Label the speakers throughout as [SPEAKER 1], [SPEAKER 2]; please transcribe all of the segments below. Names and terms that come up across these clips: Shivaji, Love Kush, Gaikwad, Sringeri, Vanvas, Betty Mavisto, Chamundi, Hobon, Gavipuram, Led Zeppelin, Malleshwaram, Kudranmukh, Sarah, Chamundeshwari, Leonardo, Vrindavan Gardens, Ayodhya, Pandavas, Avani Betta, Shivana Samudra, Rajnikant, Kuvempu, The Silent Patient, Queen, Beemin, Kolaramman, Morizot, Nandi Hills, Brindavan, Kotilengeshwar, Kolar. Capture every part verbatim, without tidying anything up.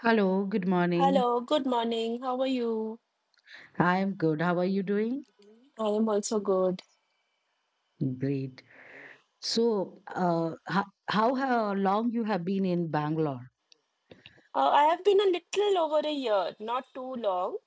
[SPEAKER 1] Hello, good morning.
[SPEAKER 2] Hello, good morning. How are you?
[SPEAKER 1] I'm good. How are you doing?
[SPEAKER 2] I am also good.
[SPEAKER 1] Great. So, uh, how, how ha- long you have been in Bangalore?
[SPEAKER 2] Uh, I have been a little over a year, not too long,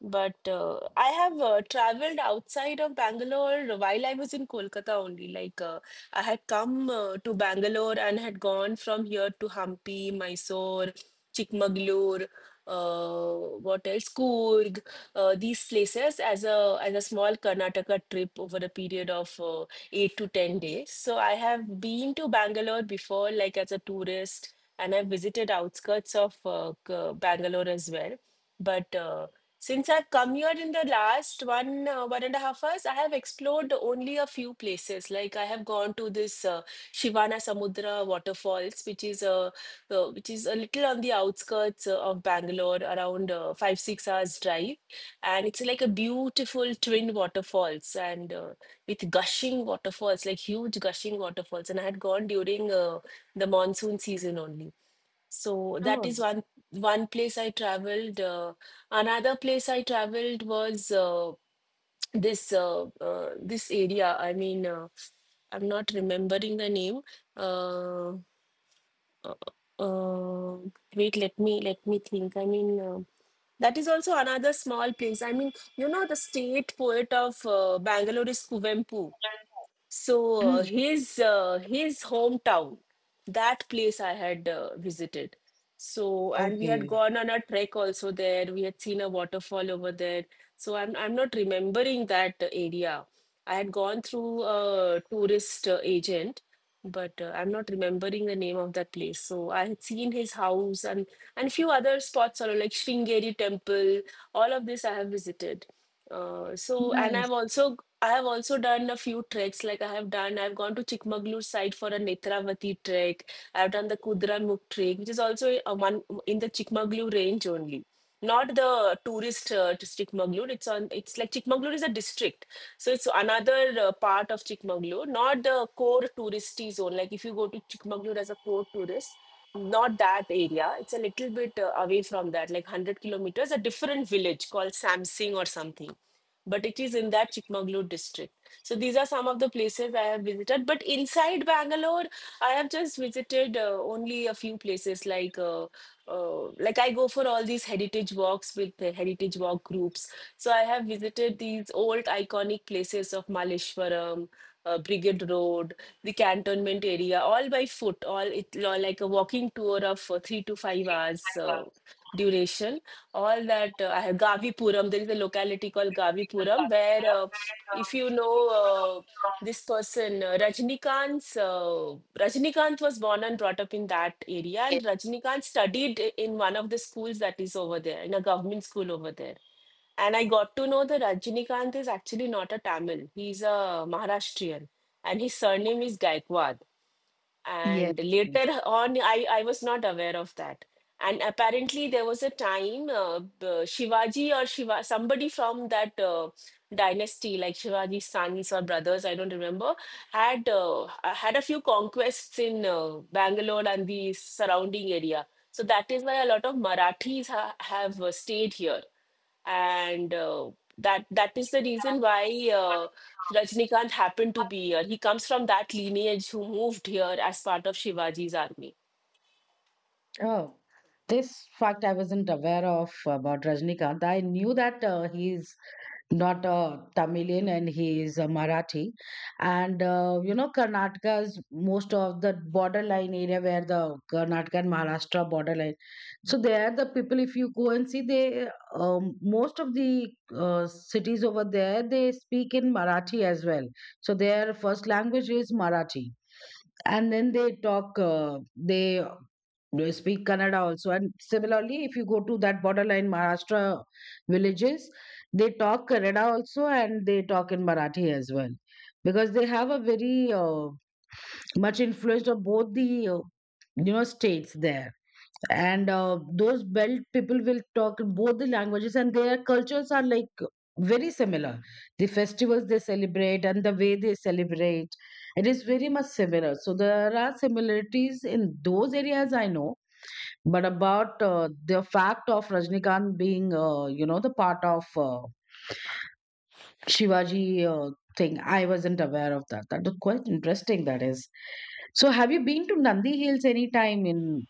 [SPEAKER 2] but uh, I have uh, traveled outside of Bangalore while I was in Kolkata only. Like uh, I had come uh, to Bangalore and had gone from here to Hampi, Mysore, Chikmagalur, uh, what else? Coorg, uh, these places as a as a small Karnataka trip over a period of uh, eight to ten days. So I have been to Bangalore before, like as a tourist, and I've visited outskirts of uh, K- Bangalore as well. But uh, since I've come here in the last one uh, one and a half hours, I have explored only a few places. Like I have gone to this uh, Shivana Samudra waterfalls, which is a uh, which is a little on the outskirts uh, of Bangalore, around uh, five six hours drive, and it's like a beautiful twin waterfalls and uh, with gushing waterfalls, like huge gushing waterfalls. And I had gone during uh, the monsoon season only. So that
[SPEAKER 1] Oh,
[SPEAKER 2] is one one place I traveled. Uh, another place I traveled was uh, this uh, uh, this area. I mean, uh, I'm not remembering the name. Uh, uh, uh, wait, let me let me think. I mean, uh, that is also another small place. I mean, you know, the state poet of uh, Bangalore is Kuvempu. So uh,
[SPEAKER 1] mm,
[SPEAKER 2] his uh, his hometown, that place I had uh, visited. So and we had
[SPEAKER 1] okay.
[SPEAKER 2] gone on a trek also there. We had seen a waterfall over there. So I'm I'm not remembering that area. I had gone through a tourist uh, agent, but uh, I'm not remembering the name of that place. So I had seen his house and and few other spots also like Sringeri temple. All of this I have visited. Uh, so and
[SPEAKER 1] Nice.
[SPEAKER 2] I've also I have also done a few treks. Like I have done, I've gone to Chikmagalur side for a Netravati trek. I've done the Kudranmukh trek, which is also a one in the Chikmagalur range only. Not the tourist uh, to Chikmagalur. It's on. It's like Chikmagalur is a district, so it's another uh, part of Chikmagalur, not the core touristy zone. Like if you go to Chikmagalur as a core tourist, not that area. It's a little bit uh, away from that, like one hundred kilometers. A different village called Samsing or something, but it is in that Chikmagalur district. So these are some of the places I have visited. But inside Bangalore, I have just visited uh, only a few places. Like uh, uh, like I go for all these heritage walks with the heritage walk groups. So I have visited these old iconic places of Malleshwaram, Uh, Brigade Road, the cantonment area, all by foot, all it all like a walking tour of uh, three to five hours uh, duration. All that uh, I have Gavipuram. There is a locality called Gavipuram where, uh, if you know uh, this person, uh, Rajnikant's, uh, Rajnikant was born and brought up in that area,
[SPEAKER 1] Yes.
[SPEAKER 2] and Rajnikant studied i- in one of the schools that is over there, in a government school over there. And I got to know that Rajnikant is actually not a Tamil, he's a Maharashtrian, and his surname is Gaikwad.
[SPEAKER 1] Yes.
[SPEAKER 2] And later on i i was not aware of that, and apparently there was a time uh, Shivaji or Shiva somebody from that uh, dynasty, like Shivaji's sons or brothers, I don't remember, had uh, had a few conquests in uh, Bangalore and the surrounding area, so that is why a lot of Marathis ha- have uh, stayed here, and uh, that that is the reason why uh, Rajnikant happened to be here. He comes from that lineage who moved here as part of Shivaji's army.
[SPEAKER 1] Oh, this fact I wasn't aware of about Rajnikant. I knew that uh, he's not a Tamilian and he is a Marathi. And uh, you know, Karnataka's most of the borderline area where the Karnataka and Maharashtra borderline. So there, the people, if you go and see, they um, most of the uh, cities over there they speak in Marathi as well. So their first language is Marathi, and then they talk. Uh, they they speak Kannada also. And similarly, if you go to that borderline Maharashtra villages, they talk Kannada also and they talk in Marathi as well. Because they have a very uh, much influence of both the uh, you know states there, and uh, those belt people will talk both the languages, and their cultures are like very similar. The festivals they celebrate and the way they celebrate, it is very much similar. So there are similarities in those areas I know, but about uh, the fact of Rajnikant being, uh, you know, the part of uh, Shivaji uh, thing, I wasn't aware of that. That was quite interesting, that is. So, have you been to Nandi Hills anytime in?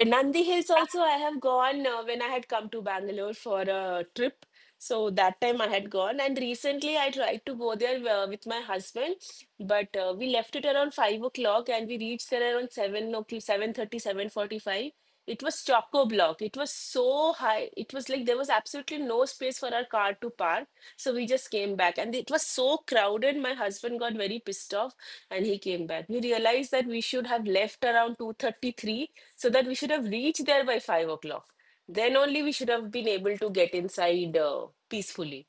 [SPEAKER 2] In Nandi Hills also I have gone uh, when I had come to Bangalore for a trip. So that time I had gone, and recently I tried to go there uh, with my husband, but uh, we left it around five o'clock, and we reached there around seven o'clock, seven thirty, seven forty-five. It was choco block. It was so high. It was like there was absolutely no space for our car to park. So we just came back, and it was so crowded. My husband got very pissed off, and he came back. We realized that we should have left around two thirty-three, so that we should have reached there by five o'clock. Then only we should have been able to get inside uh, peacefully.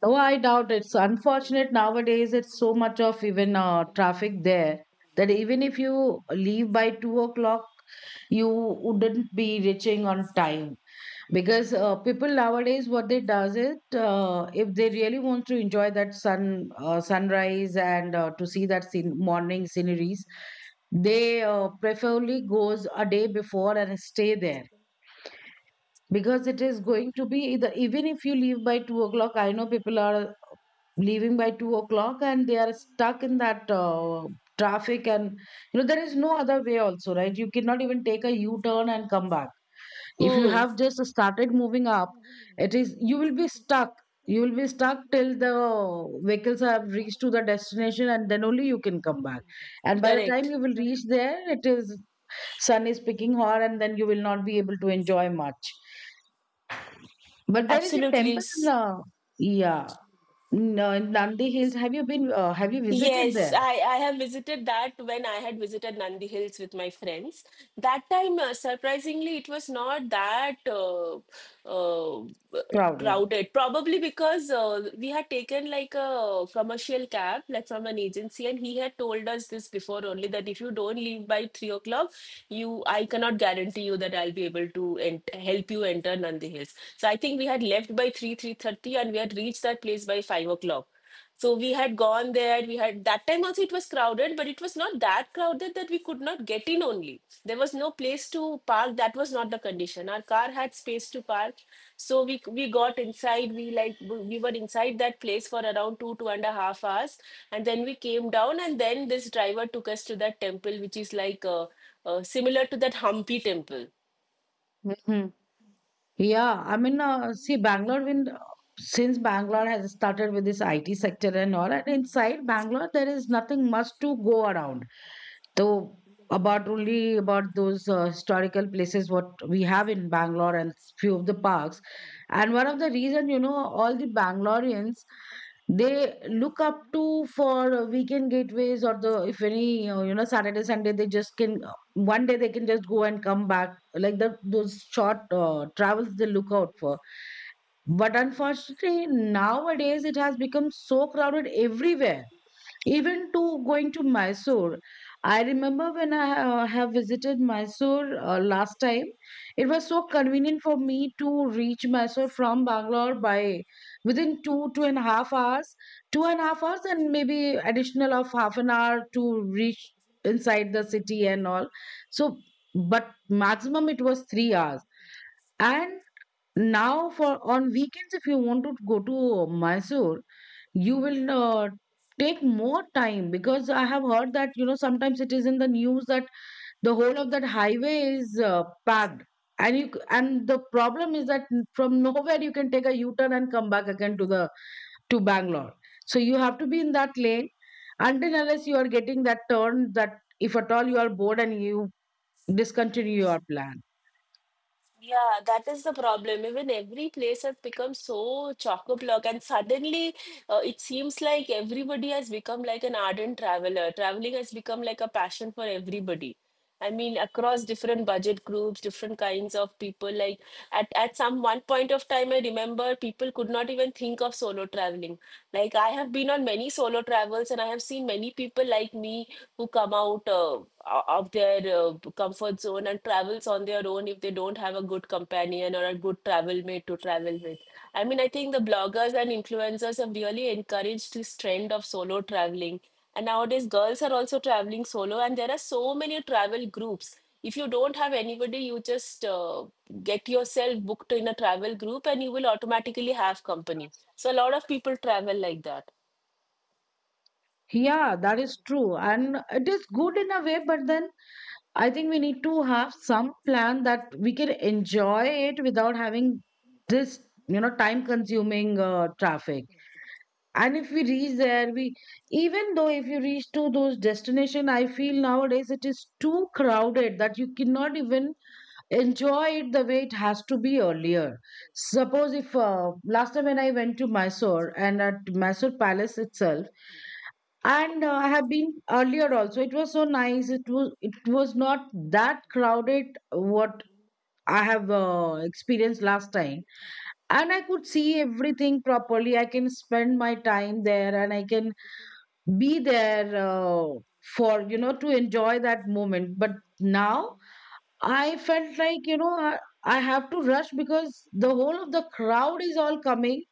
[SPEAKER 1] Though I doubt it's unfortunate nowadays, it's so much of even uh, traffic there that even if you leave by two o'clock, you wouldn't be reaching on time because uh, people nowadays what they does it uh, if they really want to enjoy that sun uh, sunrise and uh, to see that scene, morning sceneries they uh, preferably goes a day before and stay there because it is going to be either even if you leave by two o'clock, I know people are leaving by two o'clock and they are stuck in that uh, traffic and you know there is no other way also, right? You cannot even take a u-turn and come back if you
[SPEAKER 2] Mm,
[SPEAKER 1] have just started moving up. It is you will be stuck. You will be stuck till the vehicles have reached to the destination and then only you can come back, and by the time
[SPEAKER 2] correct.
[SPEAKER 1] you will reach there it is sun is picking hot and then you will not be able to enjoy much. But there is a
[SPEAKER 2] Absolutely.
[SPEAKER 1] temple in,
[SPEAKER 2] S-
[SPEAKER 1] uh, yeah. No, in Nandi Hills, have you been? Uh, have you visited
[SPEAKER 2] Yes,
[SPEAKER 1] there?
[SPEAKER 2] I, I have visited that when I had visited Nandi Hills with my friends. That time, uh, surprisingly, it was not that uh, uh,
[SPEAKER 1] Crowded.
[SPEAKER 2] crowded. Probably because uh, we had taken like a commercial cab, like from an agency, and he had told us this before only that if you don't leave by three o'clock, you I cannot guarantee you that I'll be able to ent help you enter Nandi Hills. So I think we had left by three, three thirty, and we had reached that place by five o'clock. So we had gone there. We had that time also it was crowded, but it was not that crowded that we could not get in only. There was no place to park. That was not the condition. Our car had space to park. So we we got inside. We like we were inside that place for around two, two and a half hours. And then we came down, and then this driver took us to that temple, which is like uh, uh, similar to that Hampi temple.
[SPEAKER 1] Yeah, I mean, uh, see, Bangalore, when since Bangalore has started with this I T sector and all, and inside Bangalore, there is nothing much to go around. So, about only about those uh, historical places what we have in Bangalore and few of the parks. And one of the reason, you know, all the Bangaloreans they look up to for uh, weekend gateways or the if any uh, you know Saturday Sunday they just can one day they can just go and come back, like that those short uh, travels they look out for. But unfortunately nowadays it has become so crowded everywhere, even to going to Mysore. I remember when I ha- uh, have visited Mysore uh, last time, it was so convenient for me to reach Mysore from Bangalore by within two, two and a half hours, two and a half hours, and maybe additional of half an hour to reach inside the city and all. So, but maximum it was three hours. And now, for on weekends, if you want to go to Mysore, you will uh, take more time because I have heard that you know sometimes it is in the news that the whole of that highway is uh, packed, and you c- and the problem is that from nowhere you can take a U-turn and come back again to the to Bangalore. So you have to be in that lane until unless you are getting that turn that if at all you are bored and you discontinue your plan.
[SPEAKER 2] Yeah, that is the problem. Even every place has become so chock-a-block, and suddenly uh, it seems like everybody has become like an ardent traveler. Traveling has become like a passion for everybody. I mean, across different budget groups, different kinds of people. Like at, at some one point of time, I remember people could not even think of solo traveling. Like I have been on many solo travels, and I have seen many people like me who come out uh, of their uh, comfort zone and travels on their own if they don't have a good companion or a good travel mate to travel with. I mean, I think the bloggers and influencers have really encouraged this trend of solo traveling. And nowadays, girls are also traveling solo, and there are so many travel groups. If you don't have anybody, you just uh, get yourself booked in a travel group and you will automatically have company. So, a lot of people travel like that.
[SPEAKER 1] Yeah, that is true. And it is good in a way, but then I think we need to have some plan that we can enjoy it without having this, you know, time consuming uh, traffic. And if we reach there, we even though if you reach to those destination, I feel nowadays it is too crowded that you cannot even enjoy it the way it has to be earlier. Suppose if uh, last time when I went to Mysore and at Mysore Palace itself, and uh, I have been earlier also. It was so nice. It was it was not that crowded. What I have uh, experienced last time, and I could see everything properly. I can spend my time there, and I can be there uh, for you know to enjoy that moment. But now I felt like you know I, I have to rush because the whole of the crowd is all coming,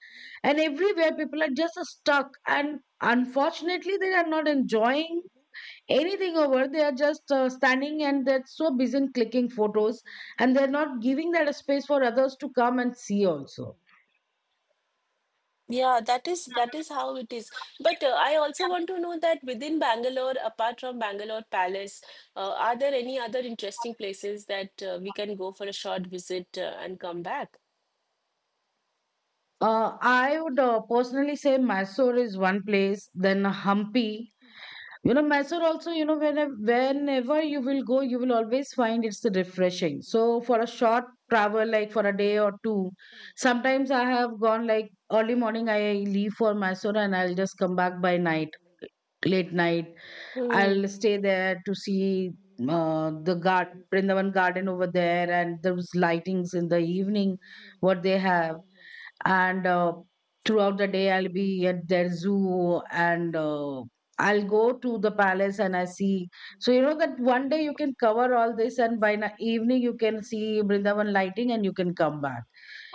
[SPEAKER 1] and everywhere people are just stuck and. Unfortunately, they are not enjoying anything over they are just uh, standing and they're so busy in clicking photos and they're not giving that a space for others to come and see also.
[SPEAKER 2] Yeah, that is that is how it is. But uh, I also want to know that within Bangalore, apart from Bangalore Palace, uh, are there any other interesting places that uh, we can go for a short visit uh, and come back?
[SPEAKER 1] Uh, I would uh, personally say Mysore is one place, then Hampi. You know, Mysore also, you know, whenever, whenever you will go, you will always find it's refreshing. So, for a short travel, like for a day or two, sometimes I have gone like early morning, I leave for Mysore and I'll just come back by night, late night,
[SPEAKER 2] Hmm.
[SPEAKER 1] I'll stay there to see uh, the garden, Brindavan garden over there, and those lightings in the evening, what they have. And uh, throughout the day, I'll be at their zoo, and uh, I'll go to the palace and I see. So, you know, that one day you can cover all this, and by the evening, you can see Brindavan lighting and you can come back.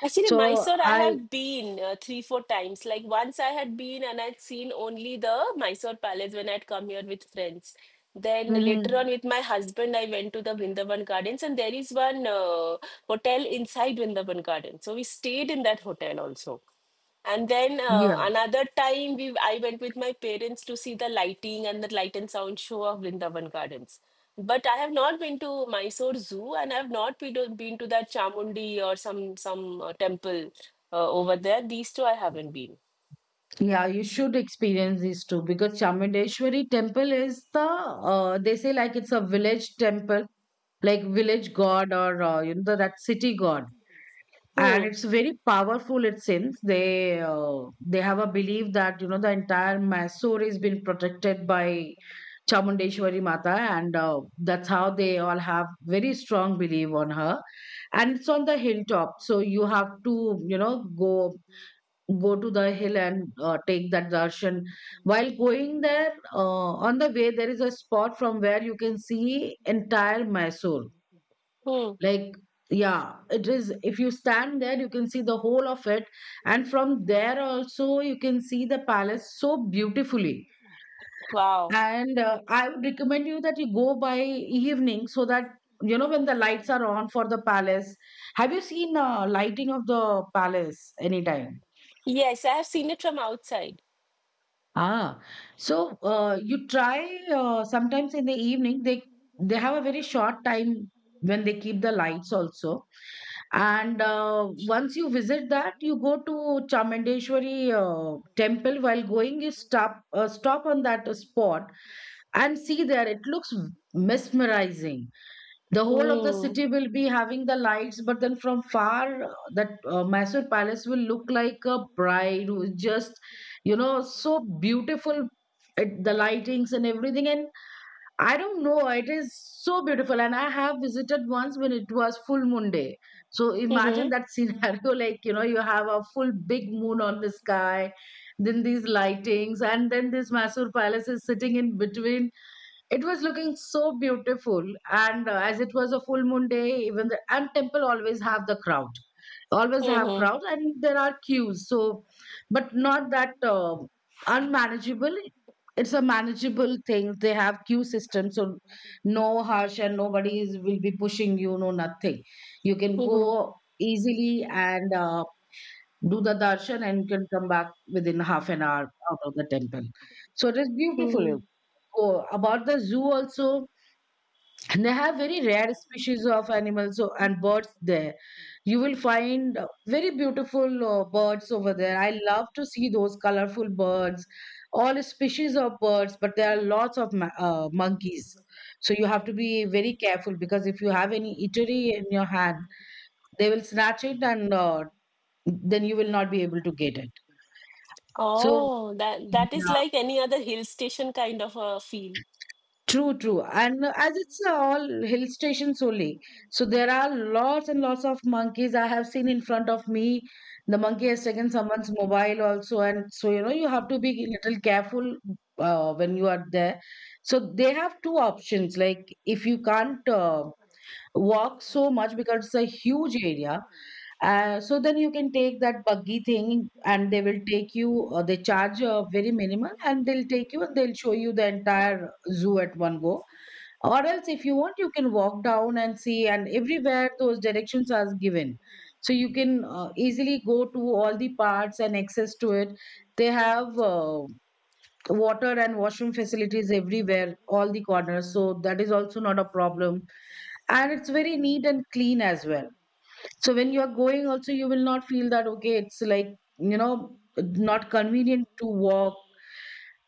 [SPEAKER 2] Actually,
[SPEAKER 1] So,
[SPEAKER 2] Mysore, I
[SPEAKER 1] I,
[SPEAKER 2] have been uh, three, four times. Like once I had been and I'd seen only the Mysore Palace when I'd come here with friends. Then later
[SPEAKER 1] mm-hmm,
[SPEAKER 2] on with my husband, I went to the Vrindavan Gardens, and there is one uh, hotel inside Vrindavan Gardens. So we stayed in that hotel also. And then uh,
[SPEAKER 1] yeah.
[SPEAKER 2] another time we I went with my parents to see the lighting and the light and sound show of Vrindavan Gardens. But I have not been to Mysore Zoo, and I have not been to, been to that Chamundi or some some uh, temple uh, over there. These two I haven't been.
[SPEAKER 1] Yeah, you should experience these two because Chamundeshwari temple is the uh, they say like it's a village temple, like village god or uh, you know the, that city god, and
[SPEAKER 2] Hmm.
[SPEAKER 1] it's very powerful. It seems they uh, they have a belief that you know the entire Mysore is been protected by Chamundeshwari Mata, and uh, that's how they all have very strong belief on her, and it's on the hilltop, so you have to you know go go to the hill and uh, take that darshan. While going there, uh, on the way, there is a spot from where you can see entire Mysore.
[SPEAKER 2] Hmm.
[SPEAKER 1] Like, yeah, it is. If you stand there, you can see the whole of it. And from there also, you can see the palace so beautifully.
[SPEAKER 2] Wow.
[SPEAKER 1] And uh, I would recommend you that you go by evening so that, you know, when the lights are on for the palace. Have you seen uh, lighting of the palace anytime?
[SPEAKER 2] Yes, I have seen it from outside.
[SPEAKER 1] Ah, so uh, you try uh, sometimes in the evening they they have a very short time when they keep the lights also. And uh, once you visit that, you go to Chamundeshwari uh, temple. While going, you stop uh, stop on that spot and see there. It looks mesmerizing. The whole of the
[SPEAKER 2] Hmm.
[SPEAKER 1] city will be having the lights, but then from far uh, that uh, Mysore palace will look like a bride who is just you know so beautiful. It, the lightings and everything, and I don't know, it is so beautiful. And I have visited once when it was full moon day, so imagine
[SPEAKER 2] Mm-hmm.
[SPEAKER 1] that scenario, like you know you have a full big moon on the sky, then these lightings, and then this Mysore palace is sitting in between. It was looking so beautiful. And uh, as it was a full moon day, even the and temple always have the crowd, always have
[SPEAKER 2] Mm-hmm.
[SPEAKER 1] crowd, and there are queues. So but not that uh, unmanageable. It's a manageable thing, they have queue system. So no hush and nobody is will be pushing you, no nothing. You can
[SPEAKER 2] Mm-hmm.
[SPEAKER 1] go easily and uh, do the darshan and can come back within half an hour out of the temple. So it is beautiful.
[SPEAKER 2] Hmm.
[SPEAKER 1] Oh, about the zoo also, and they have very rare species of animals o- and birds there. You will find uh, very beautiful uh, birds over there. I love to see those colorful birds, all species of birds, but there are lots of ma- uh, monkeys. So you have to be very careful because if you have any eatery in your hand, they will snatch it and uh, then you will not be able to get it. So,
[SPEAKER 2] Oh, that that is
[SPEAKER 1] yeah,
[SPEAKER 2] like any other hill station kind of a feel.
[SPEAKER 1] true, true. And uh, as it's uh, all hill stations only, so there are lots and lots of monkeys I have seen in front of me. The monkey has taken someone's mobile also, and so you know you have to be little careful uh, when you are there. So they have two options. Like if you can't uh, walk so much because it's a huge area, Uh, so then you can take that buggy thing and they will take you, uh, they charge uh, very minimal and they'll take you and they'll show you the entire zoo at one go. Or else, if you want, you can walk down and see, and everywhere those directions are given. So you can uh, easily go to all the parts and access to it. They have uh, water and washroom facilities everywhere, all the corners. So that is also not a problem. And it's very neat and clean as well. So when you're going, also, you will not feel that, okay, it's like, you know, not convenient to walk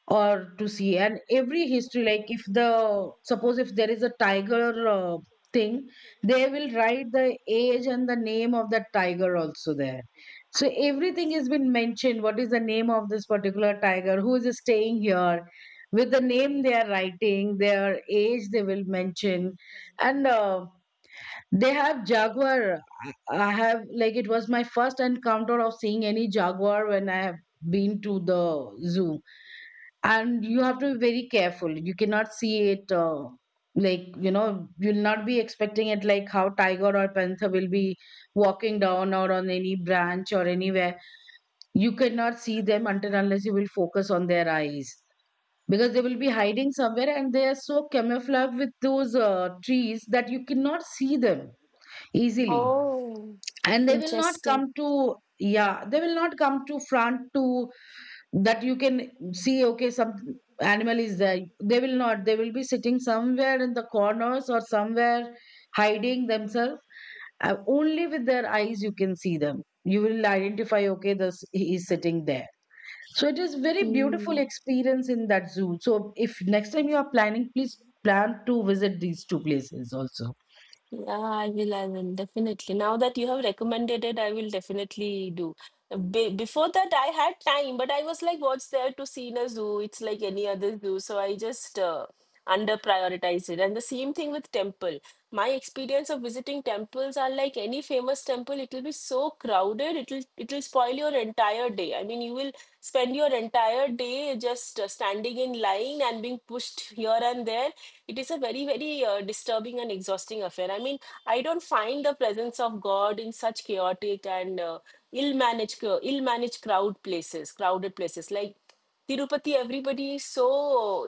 [SPEAKER 1] or to see. And every history, like if the, suppose if there is a tiger uh, thing, they will write the age and the name of that tiger also there. So everything has been mentioned. What is the name of this particular tiger? Who is staying here? With the name they are writing, their age they will mention. And uh, They have Jaguar. I I have like it was my first encounter of seeing any Jaguar when I have been to the zoo. And you have to be very careful. You cannot see it uh, like you know you'll not be expecting it like how tiger or panther will be walking down or on any branch or anywhere. You cannot see them until unless you will focus on their eyes. Because they will be hiding somewhere and they are so camouflaged with those uh, trees that you cannot see them easily,
[SPEAKER 2] Oh,
[SPEAKER 1] and they will not come
[SPEAKER 2] interesting.
[SPEAKER 1] to, yeah, they will not come to front to that you can see okay some animal is there. They will not, they will be sitting somewhere in the corners or somewhere hiding themselves. Uh, only with their eyes you can see them, you will identify okay this he is sitting there. So it is very beautiful
[SPEAKER 2] Hmm.
[SPEAKER 1] experience in that zoo. So if next time you are planning, please plan to visit these two places also.
[SPEAKER 2] Yeah, I will. I will definitely. Now that you have recommended it, I will definitely do. Be before that, I had time, but I was like, what's there to see in a zoo? It's like any other zoo. So I just uh, under prioritized it. And the same thing with temple. My experience of visiting temples are like any famous temple, it will be so crowded, it'll it'll spoil your entire day. I mean, you will spend your entire day just uh, standing in line and being pushed here and there. It is a very very uh, disturbing and exhausting affair. I mean, I don't find the presence of God in such chaotic and uh, ill managed ill managed crowd places crowded places like Tirupati. Everybody is so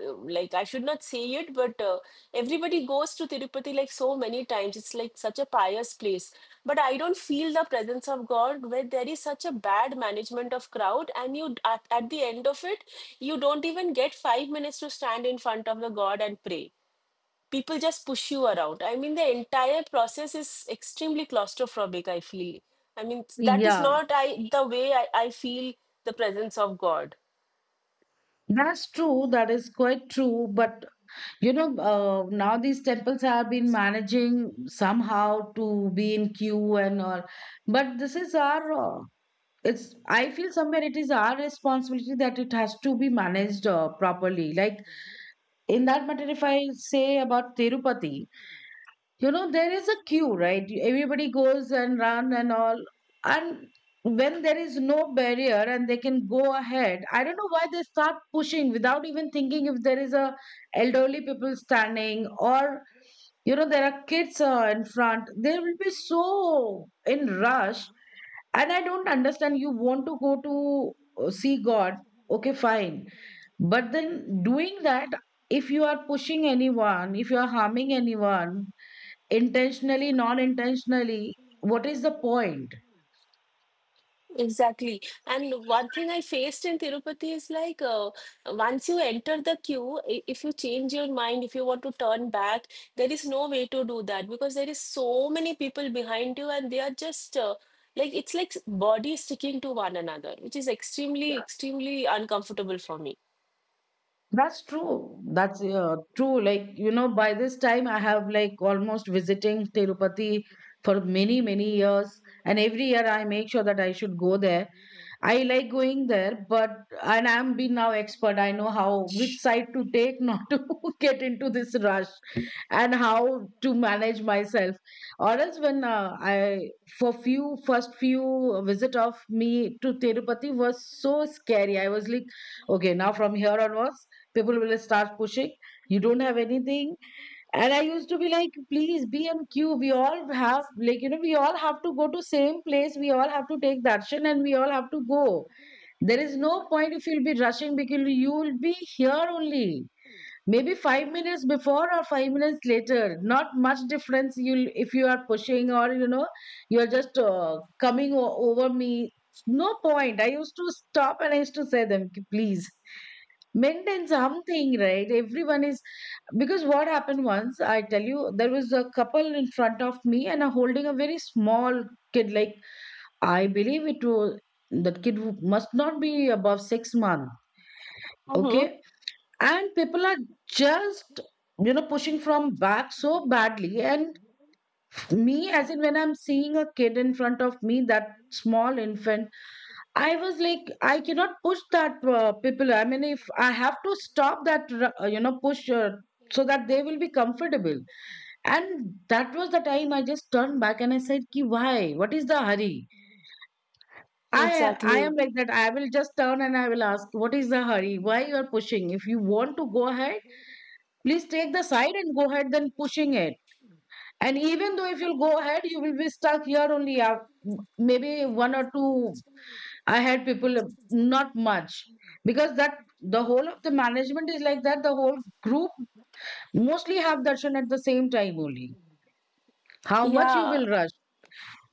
[SPEAKER 2] uh, like I should not say it, but uh, everybody goes to Tirupati like so many times. It's like such a pious place. But I don't feel the presence of God where there is such a bad management of crowd, and you at, at the end of it, you don't even get five minutes to stand in front of the God and pray. People just push you around. I mean, the entire process is extremely claustrophobic, I feel. I mean, that is
[SPEAKER 1] Yeah,
[SPEAKER 2] not I the way I, I feel the presence of God.
[SPEAKER 1] that's true. That is quite true. But you know, uh, now these temples have been managing somehow to be in queue and all. But this is our, uh, it's, I feel somewhere it is our responsibility that it has to be managed uh, properly. Like in that matter, if I say about Tirupati, you know there is a queue, right? You- everybody goes and run and all, and when there is no barrier and they can go ahead, I don't know why they start pushing without even thinking if there is a elderly people standing or you know there are kids uh, in front, they will be so in rush. And I don't understand, you want to go to uh, see god, okay fine, but then doing that, if you are pushing anyone, if you are harming anyone, intentionally, non intentionally, what is the point?
[SPEAKER 2] Exactly. And one thing I faced in Tirupati is like uh, once you enter the queue, i- if you change your mind, if you want to turn back, there is no way to do that because there is so many people behind you, and they are just uh, like it's like bodies sticking to one another, which is extremely, extremely uncomfortable for me.
[SPEAKER 1] That's true. That's uh, true. Like you know by this time I have like almost visiting Tirupati for many many years, and every year I make sure that I should go there. I like going there. But and I'm been now expert, I know how which side to take not to get into this rush and how to manage myself. Or else when uh, I for few first few visit of me to Tirupati was so scary. I was like okay now from here onwards people will start pushing, you don't have anything. And I used to be like please be on queue, we all have, like you know we all have to go to same place, we all have to take darshan and we all have to go. There is no point if you'll be rushing, because you'll be here only maybe five minutes before or five minutes later, not much difference you'll if you are pushing or you know you're just uh, coming o- over me, no point. I used to stop and I used to say them, "Ki- please maintain something, right? Everyone is," because what happened once, I tell you, there was a couple in front of me and a holding a very small kid, like I believe it was that kid who must not be above six months,
[SPEAKER 2] Mm-hmm.
[SPEAKER 1] okay? And people are just you know pushing from back so badly. And me as in when I'm seeing a kid in front of me, that small infant, I was like I cannot push that uh, people. I mean if I have to stop that uh, you know push uh, so that they will be comfortable. And that was the time I just turned back and I said ki why what is the hurry. I i am
[SPEAKER 2] Exactly.
[SPEAKER 1] like that, I will just turn and I will ask what is the hurry, why you are pushing. If you want to go ahead, please take the side and go ahead, then pushing it. And even though if you'll go ahead, you will be stuck here only. af- Maybe one or two ahead people, uh, not much. Because that the whole of the management is like that. The whole group mostly have darshan at the same time only. How much you will
[SPEAKER 2] Yeah.
[SPEAKER 1] rush.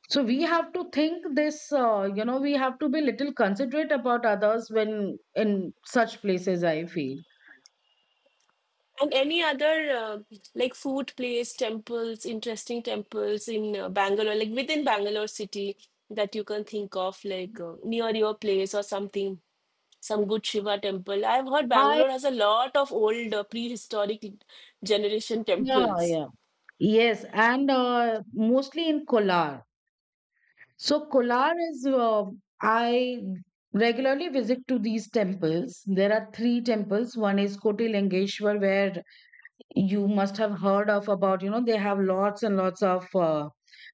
[SPEAKER 1] So we have to think this, uh, you know, we have to be little considerate about others when in such places, I feel.
[SPEAKER 2] And any other uh, like food place, temples, interesting temples in uh, Bangalore, like within Bangalore city that you can think of, like uh, near your place or something, some good Shiva temple. I've heard
[SPEAKER 1] I
[SPEAKER 2] Bangalore has a lot of old uh, prehistoric generation
[SPEAKER 1] Yeah,
[SPEAKER 2] temples.
[SPEAKER 1] yeah. Yes, and uh, mostly in Kolar. So Kolar is uh, I regularly visit to these temples. There are three temples. One is Kotilengeshwar, where you must have heard of about. You know they have lots and lots of uh,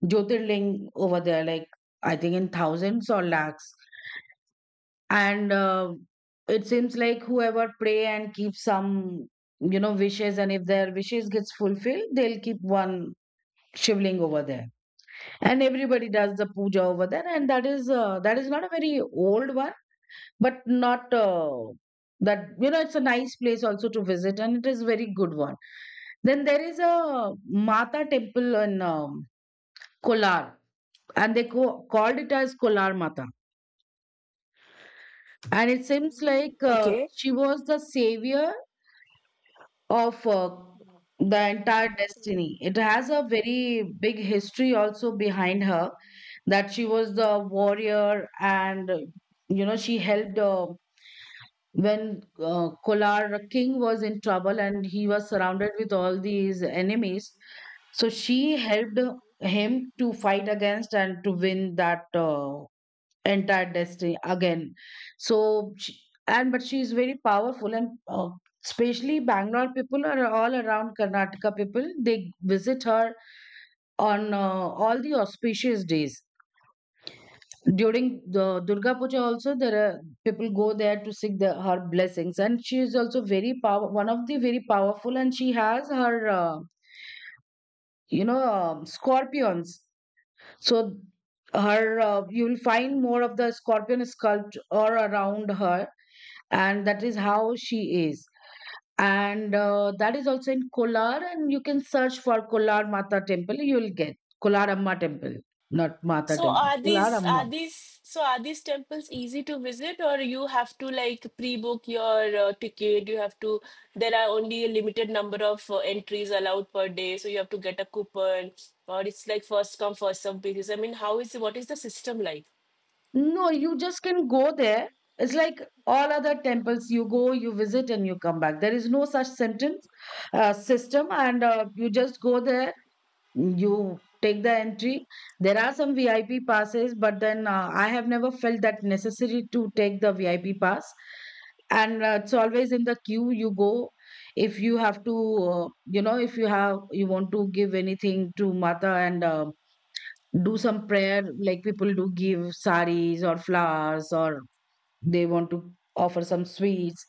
[SPEAKER 1] Jyotirling over there, like I think in thousands or lakhs. And uh, It seems like whoever pray and keep some you know wishes, and if their wishes gets fulfilled, they'll keep one shivling over there, and everybody does the puja over there. And that is uh, that is not a very old one, but not uh, that you know it's a nice place also to visit and it is very good one. Then there is a mata temple in um, Kolar, and they co- called it as Kolar Mata. And it seems like uh,
[SPEAKER 2] Okay.
[SPEAKER 1] she was the savior of uh, the entire destiny. It has a very big history also behind her, that she was the warrior and uh, you know she helped uh, when uh, Kolar king was in trouble and he was surrounded with all these enemies. So she helped him to fight against and to win that uh, entire destiny again. So she, and but she is very powerful, and uh, especially Bangalore people are all around Karnataka people, they visit her on uh, all the auspicious days. During the Durga Puja also, there are people go there to seek the, her blessings. And she is also very power, one of the very powerful, and she has her uh, you know um scorpions. So her, uh, you will find more of the scorpion sculpt or around her, and that is how she is. And uh, That is also in Kolar, and you can search for Kolar Mata temple, you will get Kolar Amma temple, not Mata
[SPEAKER 2] So
[SPEAKER 1] temple,
[SPEAKER 2] are
[SPEAKER 1] Kolar
[SPEAKER 2] these
[SPEAKER 1] Amma.
[SPEAKER 2] are these so are these temples easy to visit, or you have to like pre-book your uh, ticket? You have to there are only a limited number of uh, entries allowed per day, so you have to get a coupon, or it's like first come first serve basis. I mean, how is what is the system like?
[SPEAKER 1] No, you just can go there. It's like all other temples, you go, you visit and you come back. There is no such sentence uh, system. And uh, You just go there, you take the entry. There are some V I P passes, but then uh, I have never felt that necessary to take the V I P pass. And uh, It's always in the queue you go. If you have to uh, you know, if you have, you want to give anything to Mata, and uh, do some prayer, like people do give saris or flowers, or they want to offer some sweets,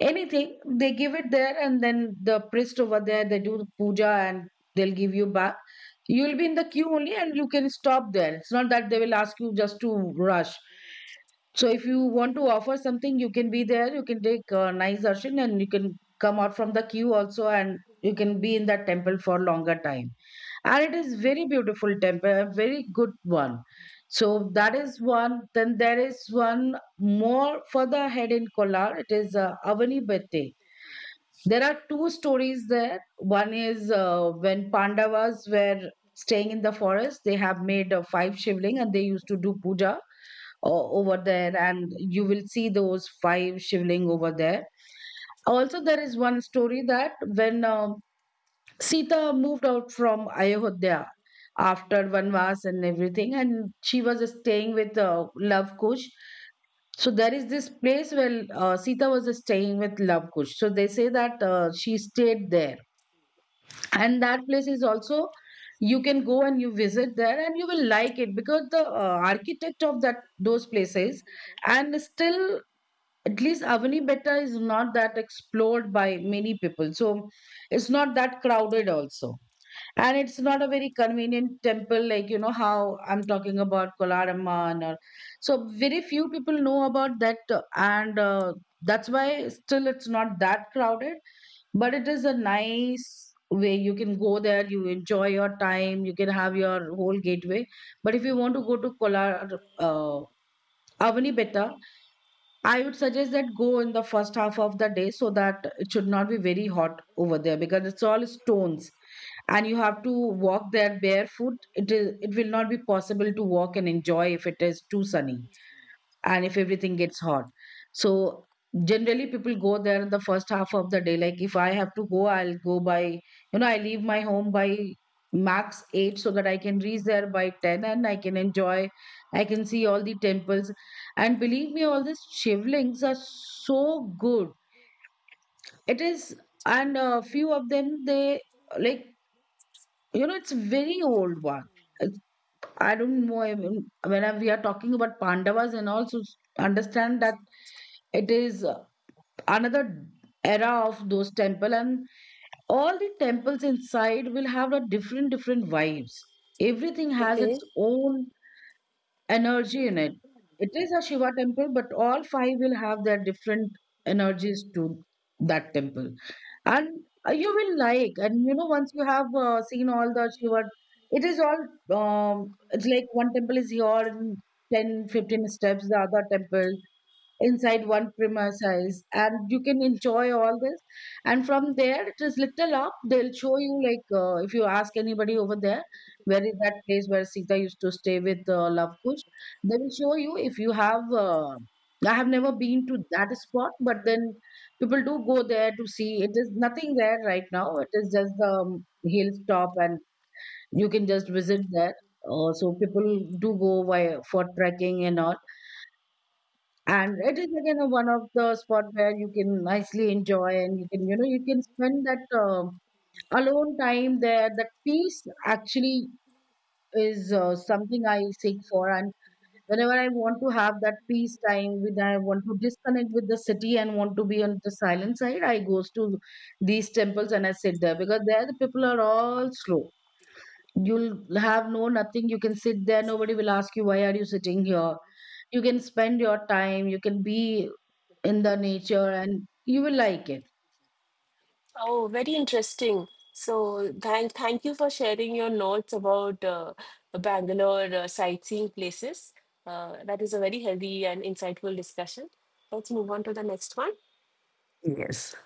[SPEAKER 1] anything they give it there, and then the priest over there they do the puja and they'll give you back. You'll be in the queue only, and you can stop there. It's not that they will ask you just to rush. So if you want to offer something, you can be there, you can take a nice darshan, and you can come out from the queue also, and you can be in that temple for longer time. And it is very beautiful temple, a very good one. So that is one. Then there is one more further ahead in Kolar, it is uh, Avani Bette. There are two stories there. One is uh, when Pandavas were staying in the forest, they have made uh, five shivling and they used to do puja o- over there, and you will see those five shivling over there. Also there is one story that when uh, Sita moved out from Ayodhya after Vanvas and everything, and she was staying with uh, Love Kush. So there is this place where uh, Sita was staying with Love Kush. So they say that uh, she stayed there, and that place is also, you can go and you visit there, and you will like it because the uh, architect of that those places. And still, at least Avani Betta is not that explored by many people, so it's not that crowded also. And it's not a very convenient temple, like, you know how I'm talking about Kolaramman, or so very few people know about that, uh, and uh, that's why still it's not that crowded. But it is a nice way, you can go there, you enjoy your time, you can have your whole gateway. But if you want to go to Kolar, uh, Avani, I would suggest that go in the first half of the day so that it should not be very hot over there, because it's all stones and you have to walk there barefoot. It is it will not be possible to walk and enjoy if it is too sunny and if everything gets hot. So generally people go there in the first half of the day. Like if I have to go, I'll go by, you know, I leave my home by max eight so that I can reach there by ten, and I can enjoy, I can see all the temples. And believe me, all these shivlings are so good. It is, and a few of them, they like, you know, it's very old one. I don't know. I mean, when I, we are talking about Pandavas, and also understand that it is uh, another era of those temple, and all the temples inside will have a different different vibes. Everything has its
[SPEAKER 2] Okay.
[SPEAKER 1] own energy in it. It is a Shiva temple, but all five will have their different energies to that temple. And uh, you will like, and you know, once you have uh, seen all the Shiva, it is all, um, it's like one temple is here in ten, fifteen steps, the other temple inside one premises, and you can enjoy all this. And from there it is little up, they'll show you. Like uh, if you ask anybody over there, where is that place where Sita used to stay with uh, Love Kush, they will show you. If you have uh, I have never been to that spot, but then people do go there to see. It is nothing there right now, it is just the um, hill top, and you can just visit there. Uh, so people do go by for trekking and all. And it is again a one of the spot where you can nicely enjoy, and you can you know you can spend that um alone time there. That peace actually is uh, something I seek for. And whenever I want to have that peace time, when I want to disconnect with the city and want to be on the silent side, I goes to these temples and I sit there, because there the people are all slow. You'll have no nothing, you can sit there, nobody will ask you why are you sitting here. You can spend your time, you can be in the nature, and you will like it.
[SPEAKER 2] Oh, very interesting. So thank thank you for sharing your notes about uh, Bangalore uh, sightseeing places. Uh, that is a very healthy and insightful discussion. Let's move on to the next one.
[SPEAKER 1] Yes.